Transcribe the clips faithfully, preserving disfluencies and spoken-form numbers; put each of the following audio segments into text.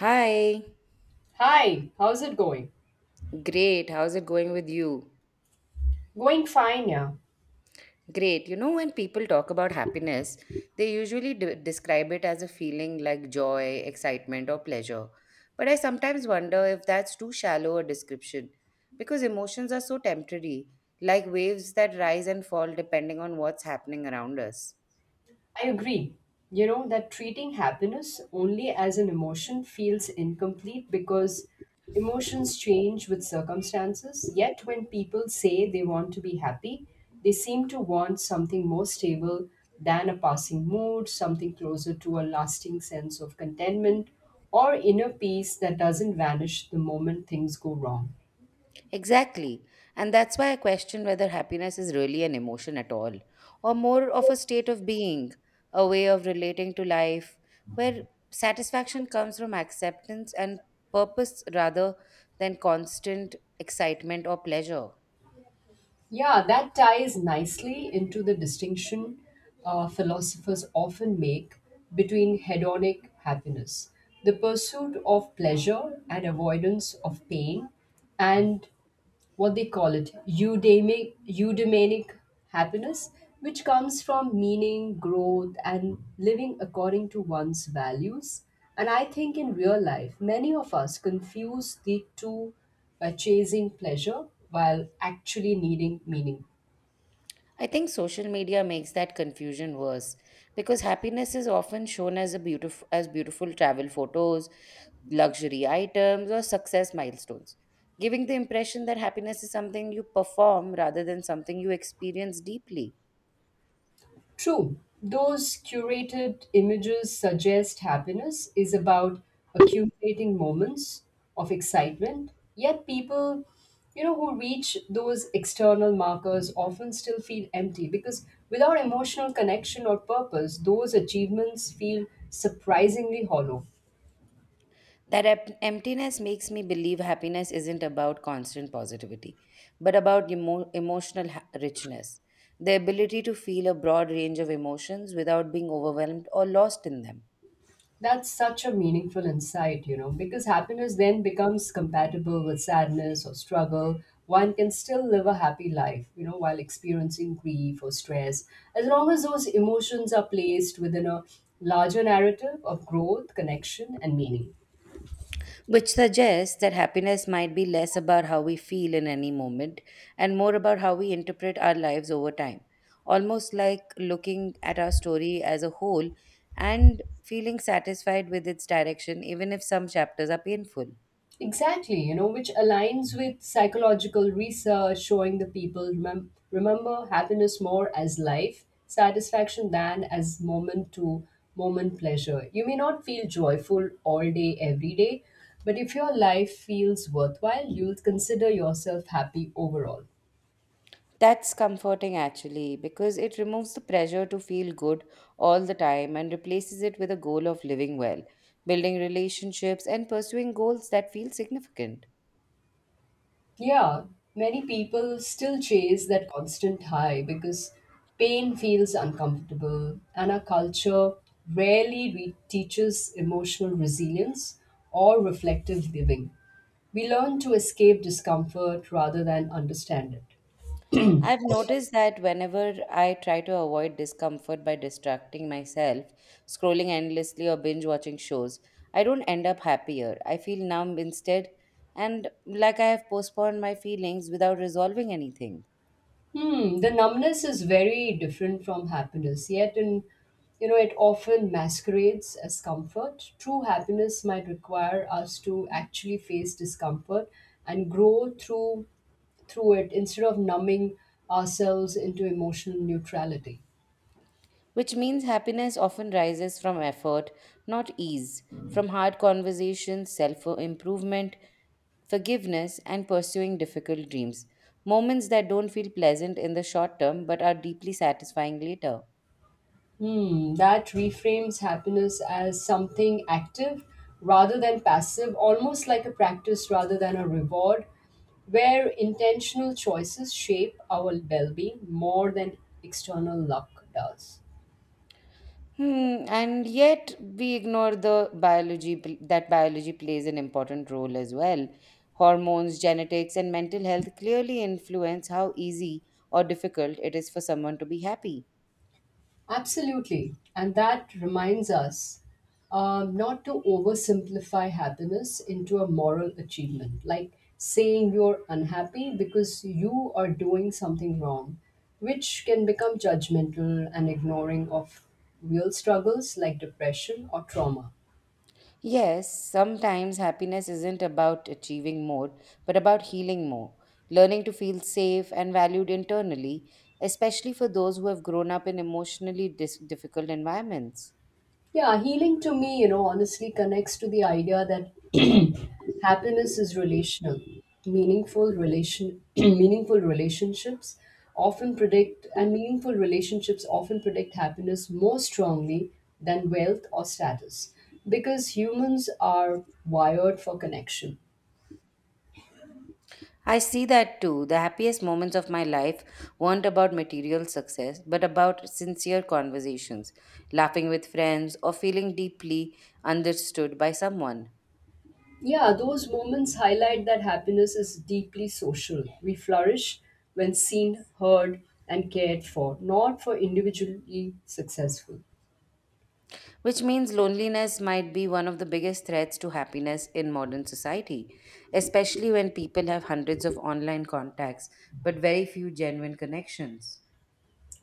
Hi, Hi, how's it going? great. How's it going with you? Going fine, yeah. Great. You know, when people talk about happiness, they usually d- describe it as a feeling like joy, excitement, or pleasure. But I sometimes wonder if that's too shallow a description because emotions are so temporary, like waves that rise and fall depending on what's happening around us. I agree. You know, that treating happiness only as an emotion feels incomplete because emotions change with circumstances. Yet, when people say they want to be happy, they seem to want something more stable than a passing mood, something closer to a lasting sense of contentment or inner peace that doesn't vanish the moment things go wrong. Exactly. And that's why I question whether happiness is really an emotion at all, or more of a state of being, a way of relating to life, where satisfaction comes from acceptance and purpose rather than constant excitement or pleasure. Yeah, that ties nicely into the distinction uh, philosophers often make between hedonic happiness, the pursuit of pleasure and avoidance of pain, and what they call it eudemic eudaimonic happiness which comes from meaning growth and living according to one's values and I think in real life many of us confuse the two by chasing pleasure while actually needing meaning. I think social media makes that confusion worse because happiness is often shown as a beautiful as beautiful travel photos, luxury items or success milestones, giving the impression that happiness is something you perform rather than something you experience deeply. True, those curated images suggest happiness is about accumulating moments of excitement. Yet people, you know, who reach those external markers often still feel empty because without emotional connection or purpose, those achievements feel surprisingly hollow. That ep- emptiness makes me believe happiness isn't about constant positivity, but about emo- emotional ha- richness, the ability to feel a broad range of emotions without being overwhelmed or lost in them. That's such a meaningful insight, you know, because happiness then becomes compatible with sadness or struggle. One can still live a happy life, you know, while experiencing grief or stress, as long as those emotions are placed within a larger narrative of growth, connection, and meaning. Which suggests that happiness might be less about how we feel in any moment and more about how we interpret our lives over time. Almost like looking at our story as a whole and feeling satisfied with its direction, even if some chapters are painful. Exactly, you know, which aligns with psychological research showing the people remem- remember happiness more as life satisfaction than as moment to moment pleasure. You may not feel joyful all day, every day, but if your life feels worthwhile, you'll consider yourself happy overall. That's comforting actually, because it removes the pressure to feel good all the time and replaces it with a goal of living well, building relationships, and pursuing goals that feel significant. Yeah, many people still chase that constant high because pain feels uncomfortable, and our culture rarely re- teaches emotional resilience or reflective living. We learn to escape discomfort rather than understand it. I've noticed that whenever I try to avoid discomfort by distracting myself, scrolling endlessly or binge watching shows, I don't end up happier. I feel numb instead, and like I have postponed my feelings without resolving anything. Hmm, the numbness is very different from happiness, yet in you know it often masquerades as comfort. True happiness might require us to actually face discomfort and grow through through it instead of numbing ourselves into emotional neutrality. Which means happiness often rises from effort, not ease, from hard conversations, self improvement, forgiveness, and pursuing difficult dreams. Moments that don't feel pleasant in the short term but are deeply satisfying later. Hmm, that reframes happiness as something active rather than passive, almost like a practice rather than a reward, where intentional choices shape our well being more than external luck does. Hmm, and yet we ignore the biology pl- that biology plays an important role as well. Hormones, genetics, and mental health clearly influence how easy or difficult it is for someone to be happy. Absolutely. And that reminds us um, not to oversimplify happiness into a moral achievement, like saying you're unhappy because you are doing something wrong, which can become judgmental and ignoring of real struggles like depression or trauma. Yes, sometimes happiness isn't about achieving more, but about healing more, learning to feel safe and valued internally, especially for those who have grown up in emotionally dis- difficult environments. Yeah, healing to me, you know, honestly connects to the idea that happiness is relational. Meaningful relation meaningful relationships often predict and meaningful relationships often predict happiness more strongly than wealth or status because humans are wired for connection. I see that too. The happiest moments of my life weren't about material success, but about sincere conversations, laughing with friends, or feeling deeply understood by someone. Yeah, those moments highlight that happiness is deeply social. We flourish when seen, heard, and cared for, not for individually successful. Which means loneliness might be one of the biggest threats to happiness in modern society, especially when people have hundreds of online contacts but very few genuine connections.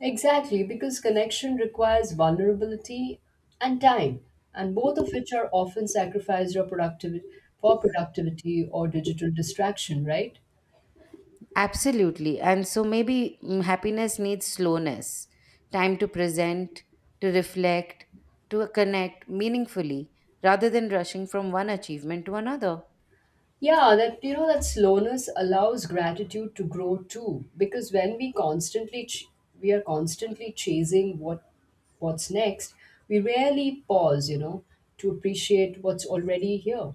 Exactly, because connection requires vulnerability and time, and both of which are often sacrificed or productivity for productivity or digital distraction, right? Absolutely. And so maybe mm, happiness needs slowness, time to present, to reflect, to connect meaningfully, rather than rushing from one achievement to another. Yeah, that you know that slowness allows gratitude to grow too, because when we constantly ch- we are constantly chasing what what's next, we rarely pause, you know, to appreciate what's already here.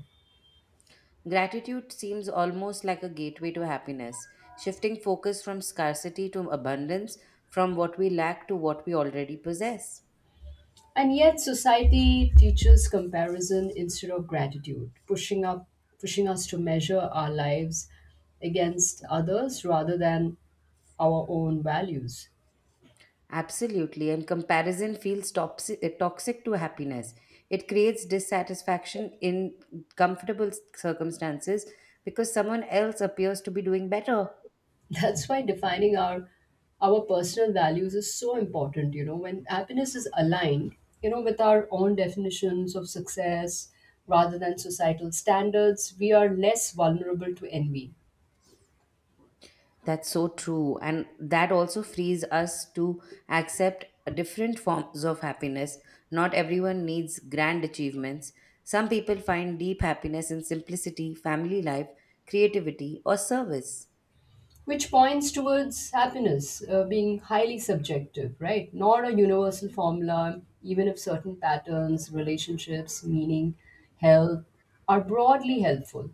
Gratitude seems almost like a gateway to happiness, shifting focus from scarcity to abundance, from what we lack to what we already possess. And yet society teaches comparison instead of gratitude, pushing up pushing us to measure our lives against others rather than our own values. Absolutely, and comparison feels toxic, eh, toxic to happiness. It creates dissatisfaction in comfortable circumstances because someone else appears to be doing better. That's why defining our our personal values is so important, you know, when happiness is aligned, you know, with our own definitions of success rather than societal standards, we are less vulnerable to envy. That's so true, and that also frees us to accept different forms of happiness. Not everyone needs grand achievements. Some people find deep happiness in simplicity, family life, creativity, or service. Which points towards happiness uh, being highly subjective, right? Not a universal formula, even if certain patterns, relationships, meaning, health are broadly helpful.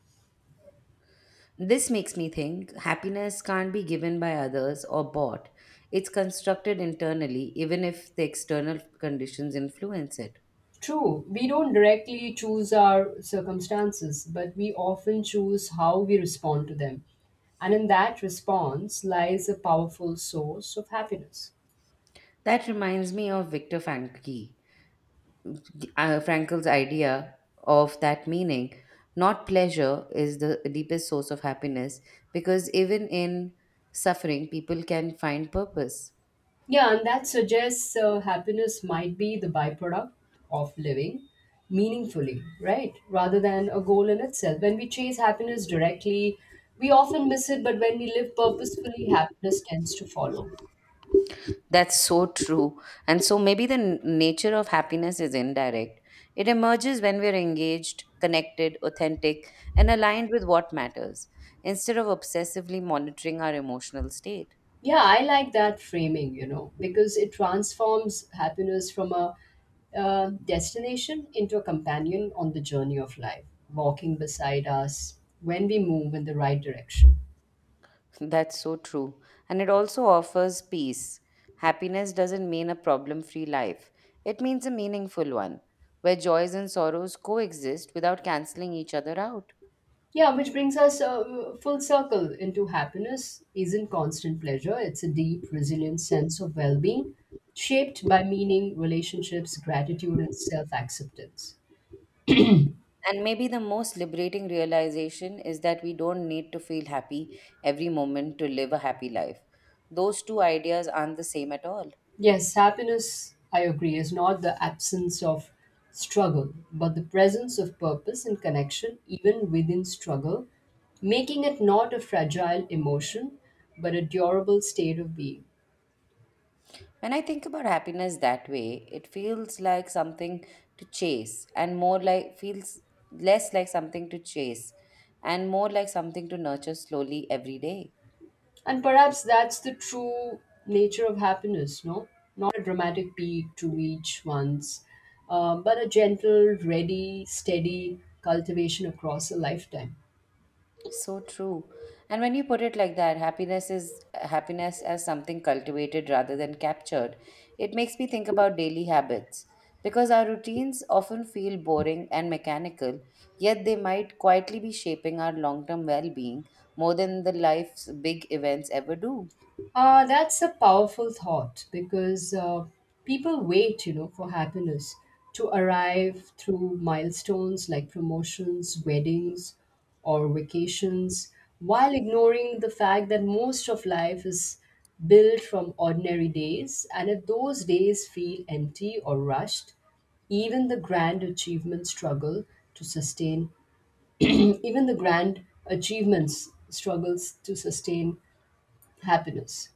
This makes me think happiness can't be given by others or bought. It's constructed internally, even if the external conditions influence it. True, we don't directly choose our circumstances, but we often choose how we respond to them. And in that response lies a powerful source of happiness. That reminds me of Viktor Frankl, uh, Frankl's idea of that meaning. Not pleasure is the deepest source of happiness because even in suffering, people can find purpose. Yeah, and that suggests uh, happiness might be the byproduct of living meaningfully, right? Rather than a goal in itself. When we chase happiness directly, we often miss it, but when we live purposefully, happiness tends to follow. That's so true. And so maybe the n- nature of happiness is indirect. It emerges when we're engaged, connected, authentic, and aligned with what matters, instead of obsessively monitoring our emotional state. Yeah, I like that framing, you know, because it transforms happiness from a uh, destination into a companion on the journey of life, walking beside us when we move in the right direction. That's so true. And it also offers peace. Happiness doesn't mean a problem free life, it means a meaningful one, where joys and sorrows coexist without canceling each other out. Yeah, which brings us uh, full circle into happiness isn't constant pleasure, it's a deep, resilient sense of well being shaped by meaning, relationships, gratitude, and self acceptance. And maybe the most liberating realization is that we don't need to feel happy every moment to live a happy life. Those two ideas aren't the same at all. Yes, happiness, I agree, is not the absence of struggle, but the presence of purpose and connection, even within struggle, making it not a fragile emotion, but a durable state of being. When I think about happiness that way, it feels like something to chase and more like feels less like something to chase and more like something to nurture slowly every day. And perhaps that's the true nature of happiness, no? Not a dramatic peak to reach once, uh, but a gentle, ready, steady cultivation across a lifetime. So true. And when you put it like that, happiness is happiness as something cultivated rather than captured. It makes me think about daily habits because our routines often feel boring and mechanical, yet they might quietly be shaping our long-term well-being more than the life's big events ever do. Uh, that's a powerful thought because uh, people wait, you know, for happiness to arrive through milestones like promotions, weddings, or vacations, while ignoring the fact that most of life is built from ordinary days. And if those days feel empty or rushed, even the grand achievements struggle to sustain, even the grand achievements struggles to sustain happiness.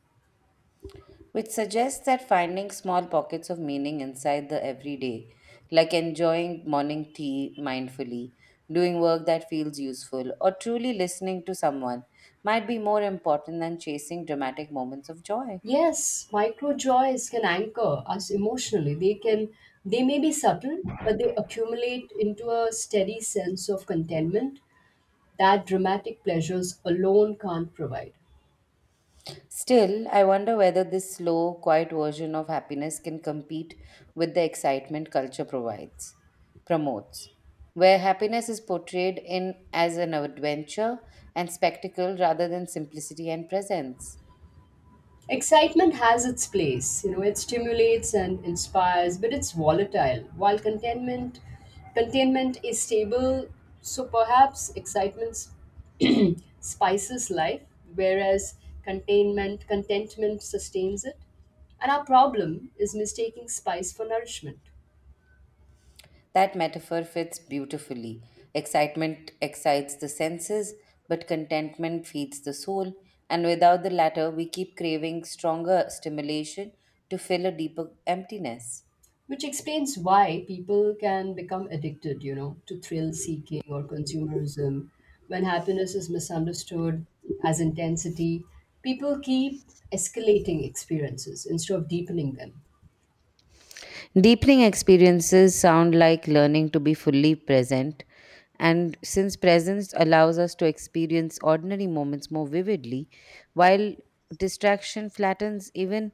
Which suggests that finding small pockets of meaning inside the everyday, like enjoying morning tea mindfully, doing work that feels useful, or truly listening to someone, might be more important than chasing dramatic moments of joy. Yes, micro joys can anchor us emotionally. They can they may be subtle, but they accumulate into a steady sense of contentment that dramatic pleasures alone can't provide. Still, I wonder whether this slow, quiet version of happiness can compete with the excitement culture provides, promotes, where happiness is portrayed in as an adventure and spectacle rather than simplicity and presence. Excitement has its place, you know, it stimulates and inspires, but it's volatile. While contentment contentment is stable, so perhaps excitement spices life, whereas containment contentment sustains it. And our problem is mistaking spice for nourishment, That metaphor fits beautifully. Excitement excites the senses, but contentment feeds the soul, and without the latter, we keep craving stronger stimulation to fill a deeper emptiness. which explains why people can become addicted, you know, to thrill seeking or consumerism. When happiness is misunderstood as intensity, people keep escalating experiences instead of deepening them. Deepening experiences sound like learning to be fully present, and since presence allows us to experience ordinary moments more vividly, while distraction flattens even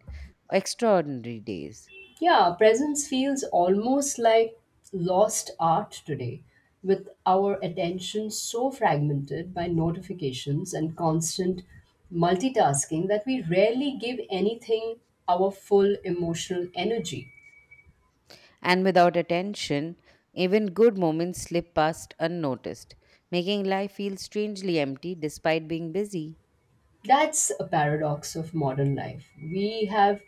extraordinary days. Yeah, presence feels almost like lost art today, with our attention so fragmented by notifications and constant multitasking that we rarely give anything our full emotional energy. And without attention, even good moments slip past unnoticed, making life feel strangely empty despite being busy. That's a paradox of modern life. We have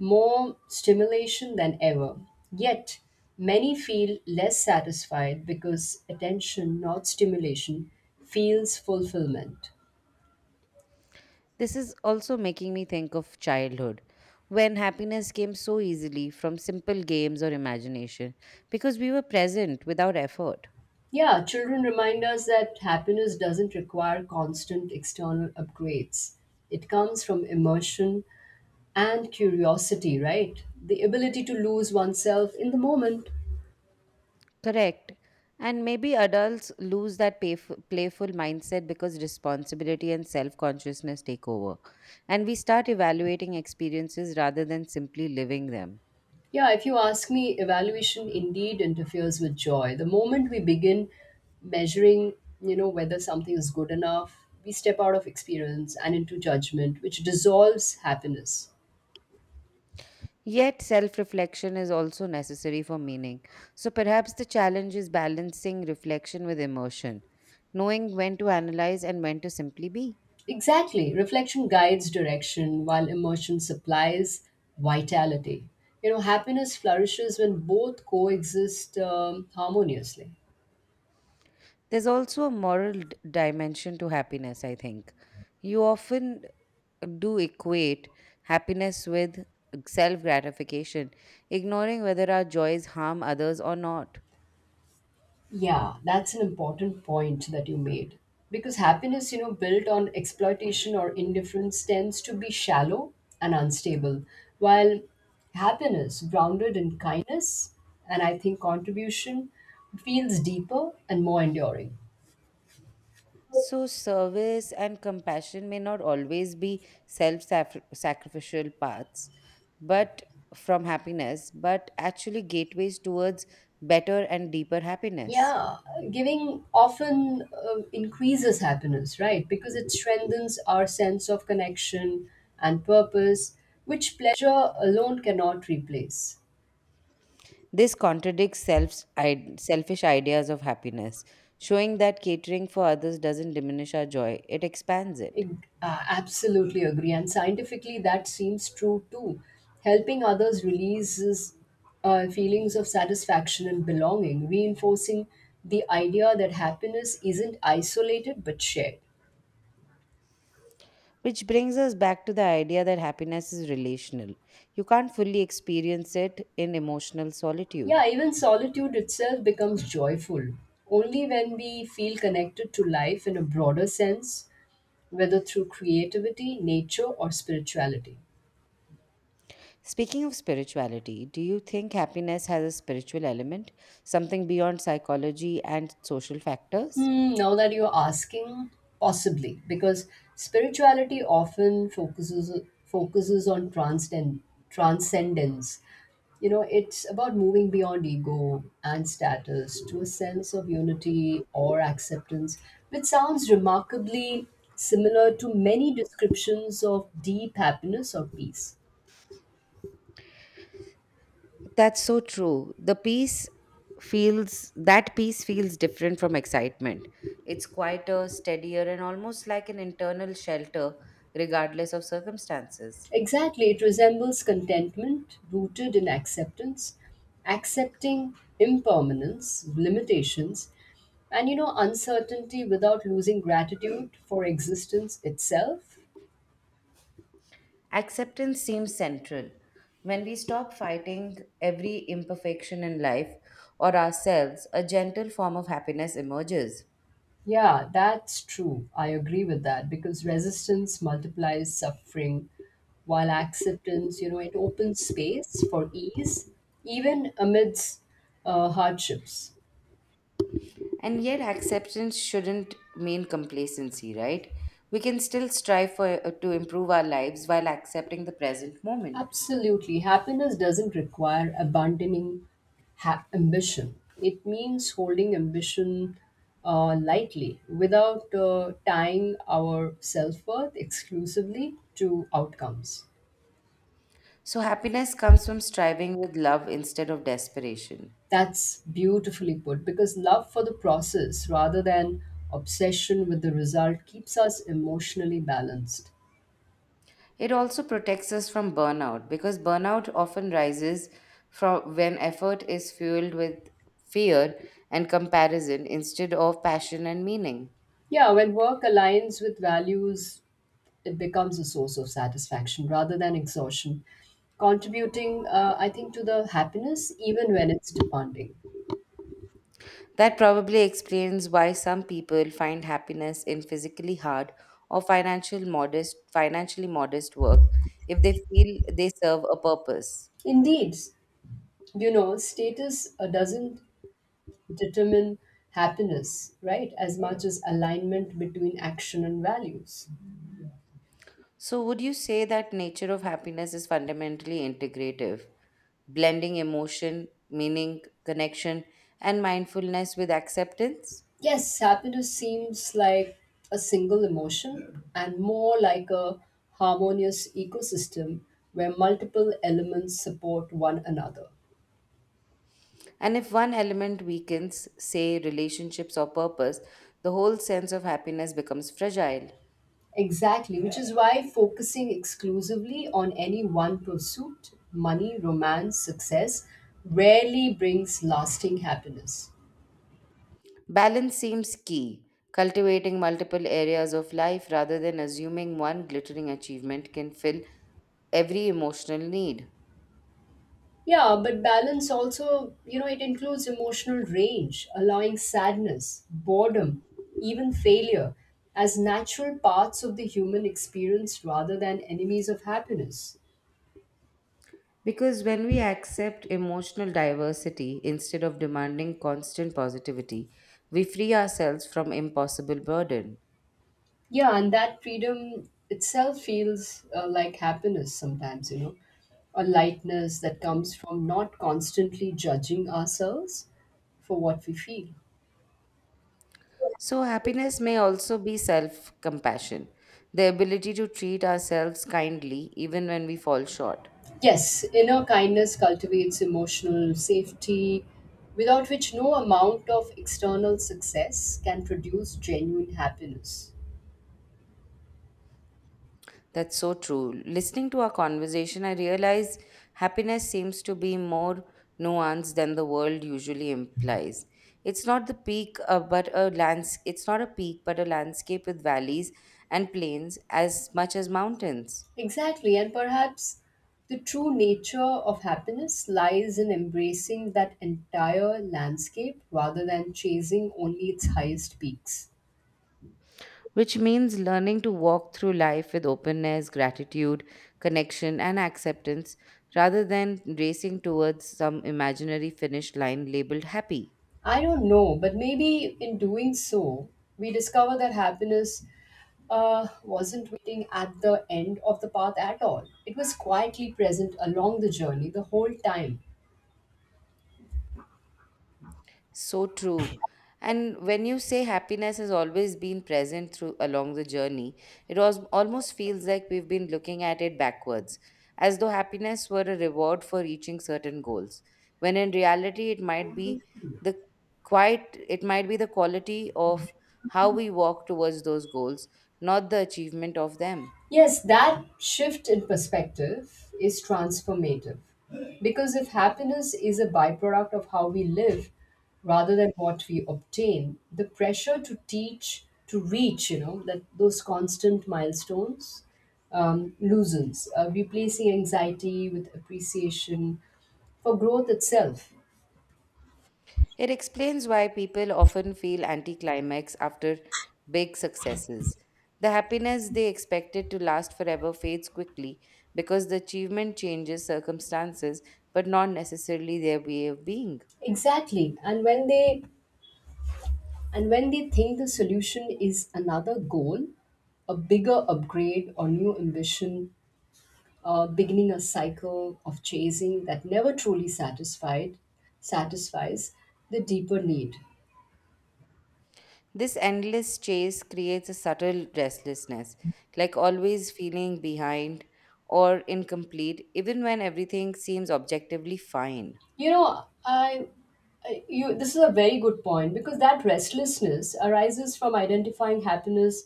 more stimulation than ever, yet, many feel less satisfied because attention, not stimulation, feels fulfillment. This is also making me think of childhood, when happiness came so easily from simple games or imagination because we were present without effort. Yeah, children remind us that happiness doesn't require constant external upgrades. It comes from immersion and curiosity, right? The ability to lose oneself in the moment. Correct. And maybe adults lose that payf- playful mindset because responsibility and self consciousness take over, and we start evaluating experiences rather than simply living them. Yeah, if you ask me, evaluation indeed interferes with joy. The moment we begin measuring, you know, whether something is good enough, we step out of experience and into judgment, which dissolves happiness. Yet, self reflection is also necessary for meaning. So, perhaps the challenge is balancing reflection with emotion, knowing when to analyze and when to simply be. Exactly. Reflection guides direction while emotion supplies vitality. You know, happiness flourishes when both coexist um, harmoniously. There's also a moral d- dimension to happiness, I think. You often do equate happiness with self gratification, ignoring whether our joys harm others or not. Yeah, that's an important point that you made. Because happiness, you know, built on exploitation or indifference tends to be shallow and unstable, while happiness grounded in kindness and I think contribution feels deeper and more enduring. So, service and compassion may not always be self sacrificial paths, but from happiness, but actually gateways towards better and deeper happiness. Yeah, giving often uh, increases happiness, right? Because it strengthens our sense of connection and purpose, which pleasure alone cannot replace. This contradicts self selfish ideas of happiness, showing that catering for others doesn't diminish our joy, it expands it. I uh, absolutely agree. And scientifically, that seems true too. Helping others releases uh, feelings of satisfaction and belonging, reinforcing the idea that happiness isn't isolated but shared. Which brings us back to the idea that happiness is relational. You can't fully experience it in emotional solitude. Yeah, even solitude itself becomes joyful only when we feel connected to life in a broader sense, whether through creativity, nature, or spirituality. Speaking of spirituality, do you think happiness has a spiritual element, something beyond psychology and social factors? Hmm, now that you're asking, possibly, because spirituality often focuses focuses on transcend, transcendence. You know, it's about moving beyond ego and status to a sense of unity or acceptance, which sounds remarkably similar to many descriptions of deep happiness or peace. That's so true. The peace feels that peace feels different from excitement. It's quieter, steadier, and almost like an internal shelter, regardless of circumstances. Exactly, it resembles contentment rooted in acceptance, accepting impermanence, limitations, and you know, uncertainty without losing gratitude for existence itself. Acceptance seems central. When we stop fighting every imperfection in life or ourselves, a gentle form of happiness emerges. Yeah, that's true. I agree with that because resistance multiplies suffering, while acceptance, you know, it opens space for ease, even amidst uh, hardships. And yet, acceptance shouldn't mean complacency, right? We can still strive for uh, to improve our lives while accepting the present moment. Absolutely. Happiness doesn't require abandoning ha- ambition. It means holding ambition uh, lightly without uh, tying our self worth exclusively to outcomes. So, happiness comes from striving with love instead of desperation. That's beautifully put because love for the process rather than obsession with the result keeps us emotionally balanced. It also protects us from burnout because burnout often rises from when effort is fueled with fear and comparison instead of passion and meaning. Yeah, when work aligns with values it becomes a source of satisfaction rather than exhaustion, contributing, uh, I think, to the happiness even when it's demanding. That probably explains why some people find happiness in physically hard or financial modest financially modest work if they feel they serve a purpose. Indeed, you know, status uh, doesn't determine happiness, right, as much as alignment between action and values. So would you say that nature of happiness is fundamentally integrative, blending emotion, meaning, connection and mindfulness with acceptance? Yes, happiness seems like a single emotion and more like a harmonious ecosystem where multiple elements support one another. And if one element weakens, say relationships or purpose, the whole sense of happiness becomes fragile. Exactly, which is why focusing exclusively on any one pursuit, money, romance, success, rarely brings lasting happiness. Balance seems key. Cultivating multiple areas of life rather than assuming one glittering achievement can fill every emotional need. Yeah, but balance also, you know, it includes emotional range, allowing sadness, boredom, even failure as natural parts of the human experience rather than enemies of happiness. Because when we accept emotional diversity instead of demanding constant positivity, we free ourselves from impossible burden. Yeah, and that freedom itself feels uh, like happiness sometimes, you know. A lightness that comes from not constantly judging ourselves for what we feel. So, happiness may also be self compassion, the ability to treat ourselves kindly even when we fall short. Yes, inner kindness cultivates emotional safety, without which no amount of external success can produce genuine happiness. That's so true. Listening to our conversation, I realize happiness seems to be more nuanced than the world usually implies. It's not the peak, uh, but a lands. It's not a peak, but a landscape with valleys and plains as much as mountains. Exactly, and perhaps the true nature of happiness lies in embracing that entire landscape rather than chasing only its highest peaks. Which means learning to walk through life with openness, gratitude, connection, and acceptance, rather than racing towards some imaginary finish line labeled happy. I don't know, but maybe in doing so, we discover that happiness uh, wasn't waiting at the end of the path at all. It was quietly present along the journey the whole time. So true. And when you say happiness has always been present through along the journey, it was almost feels like we've been looking at it backwards, as though happiness were a reward for reaching certain goals. When in reality it might be the quite it might be the quality of how we walk towards those goals, not the achievement of them. Yes, that shift in perspective is transformative. Because if happiness is a byproduct of how we live rather than what we obtain, the pressure to teach, to reach, you know, that those constant milestones um, loosens, uh, replacing anxiety with appreciation for growth itself. It explains why people often feel anticlimax after big successes. The happiness they expected to last forever fades quickly because the achievement changes circumstances but not necessarily their way of being. Exactly. And when they and when they think the solution is another goal, a bigger upgrade or new ambition, uh, beginning a cycle of chasing that never truly satisfied satisfies the deeper need. This endless chase creates a subtle restlessness, like always feeling behind or incomplete, even when everything seems objectively fine. You know, I, I you this is a very good point because that restlessness arises from identifying happiness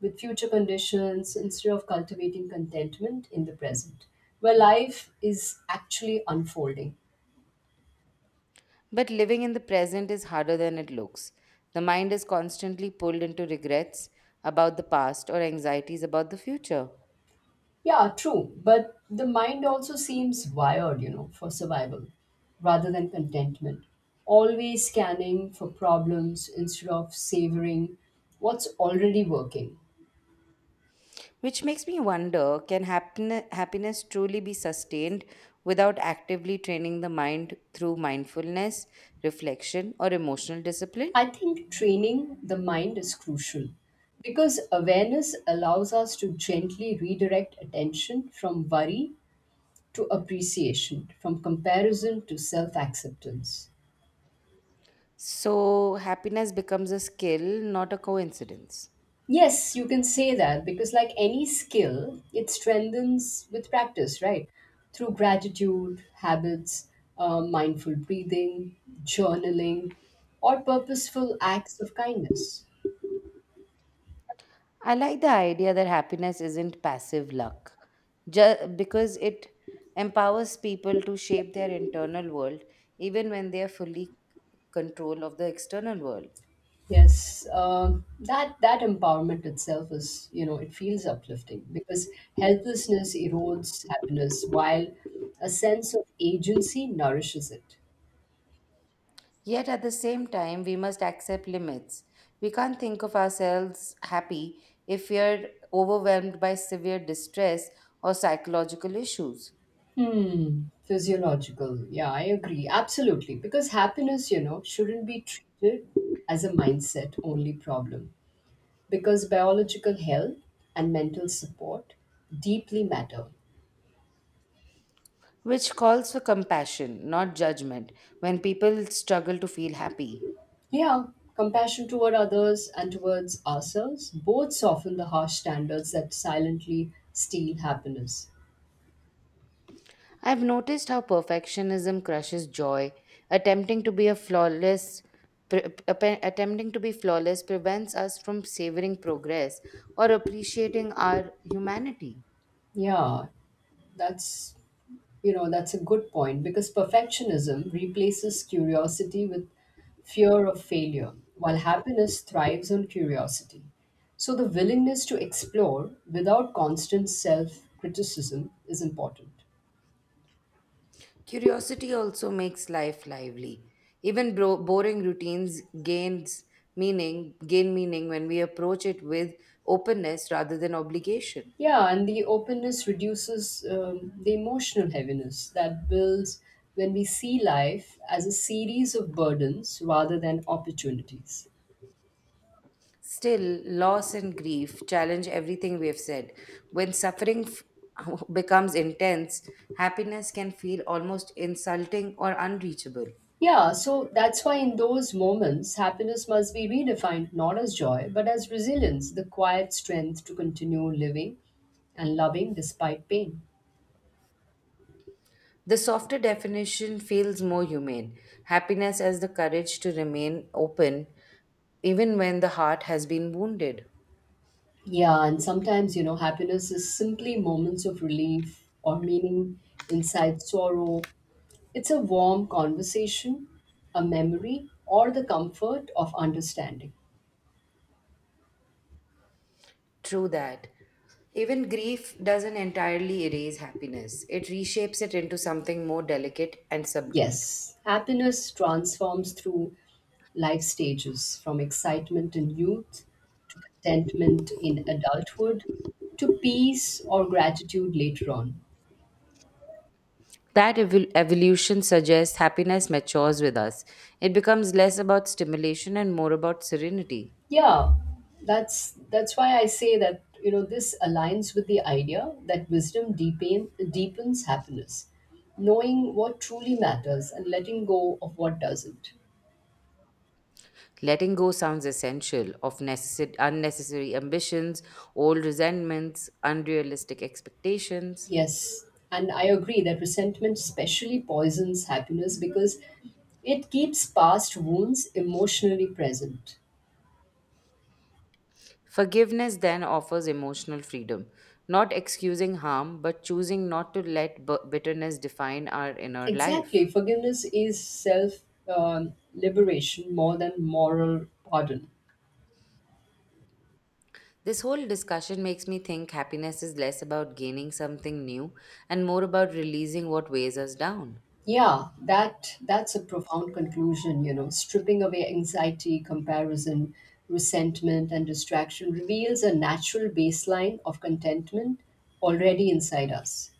with future conditions instead of cultivating contentment in the present, where life is actually unfolding. But living in the present is harder than it looks. The mind is constantly pulled into regrets about the past or anxieties about the future. Yeah, true. But the mind also seems wired, you know, for survival rather than contentment. Always scanning for problems instead of savoring what's already working. Which makes me wonder, can happen- happiness truly be sustained without actively training the mind through mindfulness, reflection, or emotional discipline? I think training the mind is crucial because awareness allows us to gently redirect attention from worry to appreciation, from comparison to self acceptance. So, happiness becomes a skill, not a coincidence. Yes, you can say that because, like any skill, it strengthens with practice, right? Through gratitude, habits, uh, mindful breathing, journaling, or purposeful acts of kindness. I like the idea that happiness isn't passive luck, just because it empowers people to shape their internal world even when they are fully control of the external world. Yes, uh, that that empowerment itself is, you know, it feels uplifting because helplessness erodes happiness, while a sense of agency nourishes it. Yet at the same time, we must accept limits. We can't think of ourselves happy if we are overwhelmed by severe distress or psychological issues, Hmm, physiological. Yeah, I agree. Absolutely. Because happiness, you know, shouldn't be treated as a mindset only problem. Because biological health and mental support deeply matter. which calls for compassion, not judgment, when people struggle to feel happy. Yeah, compassion toward others and towards ourselves both soften the harsh standards that silently steal happiness. I've noticed how perfectionism crushes joy. Attempting to be a flawless pre- appe- attempting to be flawless prevents us from savoring progress or appreciating our humanity. Yeah, that's You know, that's a good point because perfectionism replaces curiosity with fear of failure, while happiness thrives on curiosity. So, the willingness to explore without constant self criticism is important. Curiosity also makes life lively. Even bro- boring routines gains meaning gain meaning when we approach it with openness rather than obligation. Yeah, and the openness reduces um, the emotional heaviness that builds when we see life as a series of burdens rather than opportunities. Still, loss and grief challenge everything we have said. When suffering f- becomes intense, happiness can feel almost insulting or unreachable. Yeah, so that's why in those moments, happiness must be redefined not as joy, but as resilience, the quiet strength to continue living and loving despite pain. The softer definition feels more humane. Happiness as the courage to remain open even when the heart has been wounded. Yeah, and sometimes, you know, happiness is simply moments of relief or meaning inside sorrow. It's a warm conversation, a memory, or the comfort of understanding. True that. Even grief doesn't entirely erase happiness, it reshapes it into something more delicate and subdued. Yes, happiness transforms through life stages from excitement in youth to contentment in adulthood to peace or gratitude later on. That evol- evolution suggests happiness matures with us. It becomes less about stimulation and more about serenity. Yeah, that's that's why I say that you know this aligns with the idea that wisdom deepen, deepens happiness, knowing what truly matters and letting go of what doesn't. Letting go sounds essential of necessi- unnecessary ambitions, old resentments, unrealistic expectations. Yes, and I agree that resentment especially poisons happiness because it keeps past wounds emotionally present. Forgiveness then offers emotional freedom, not excusing harm, but choosing not to let b- bitterness define our inner Exactly, life. forgiveness is self um, liberation more than moral pardon. This whole discussion makes me think happiness is less about gaining something new and more about releasing what weighs us down. Yeah, that that's a profound conclusion. You know, stripping away anxiety, comparison, resentment, and distraction reveals a natural baseline of contentment already inside us.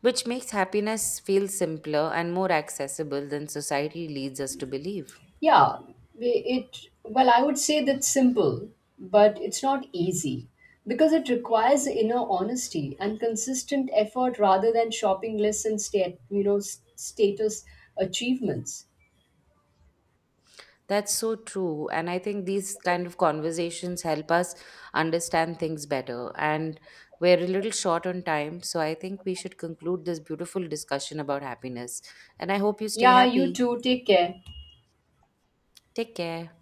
Which makes happiness feel simpler and more accessible than society leads us to believe. Yeah, we- it, well, I would say that's simple, but it's not easy because it requires inner honesty and consistent effort rather than shopping lists and state, you know, s- status achievements. That's so true. And I think these kind of conversations help us understand things better. And we're a little short on time. So I think we should conclude this beautiful discussion about happiness. And I hope you stay Yeah, you happy. too. Take care. Take care.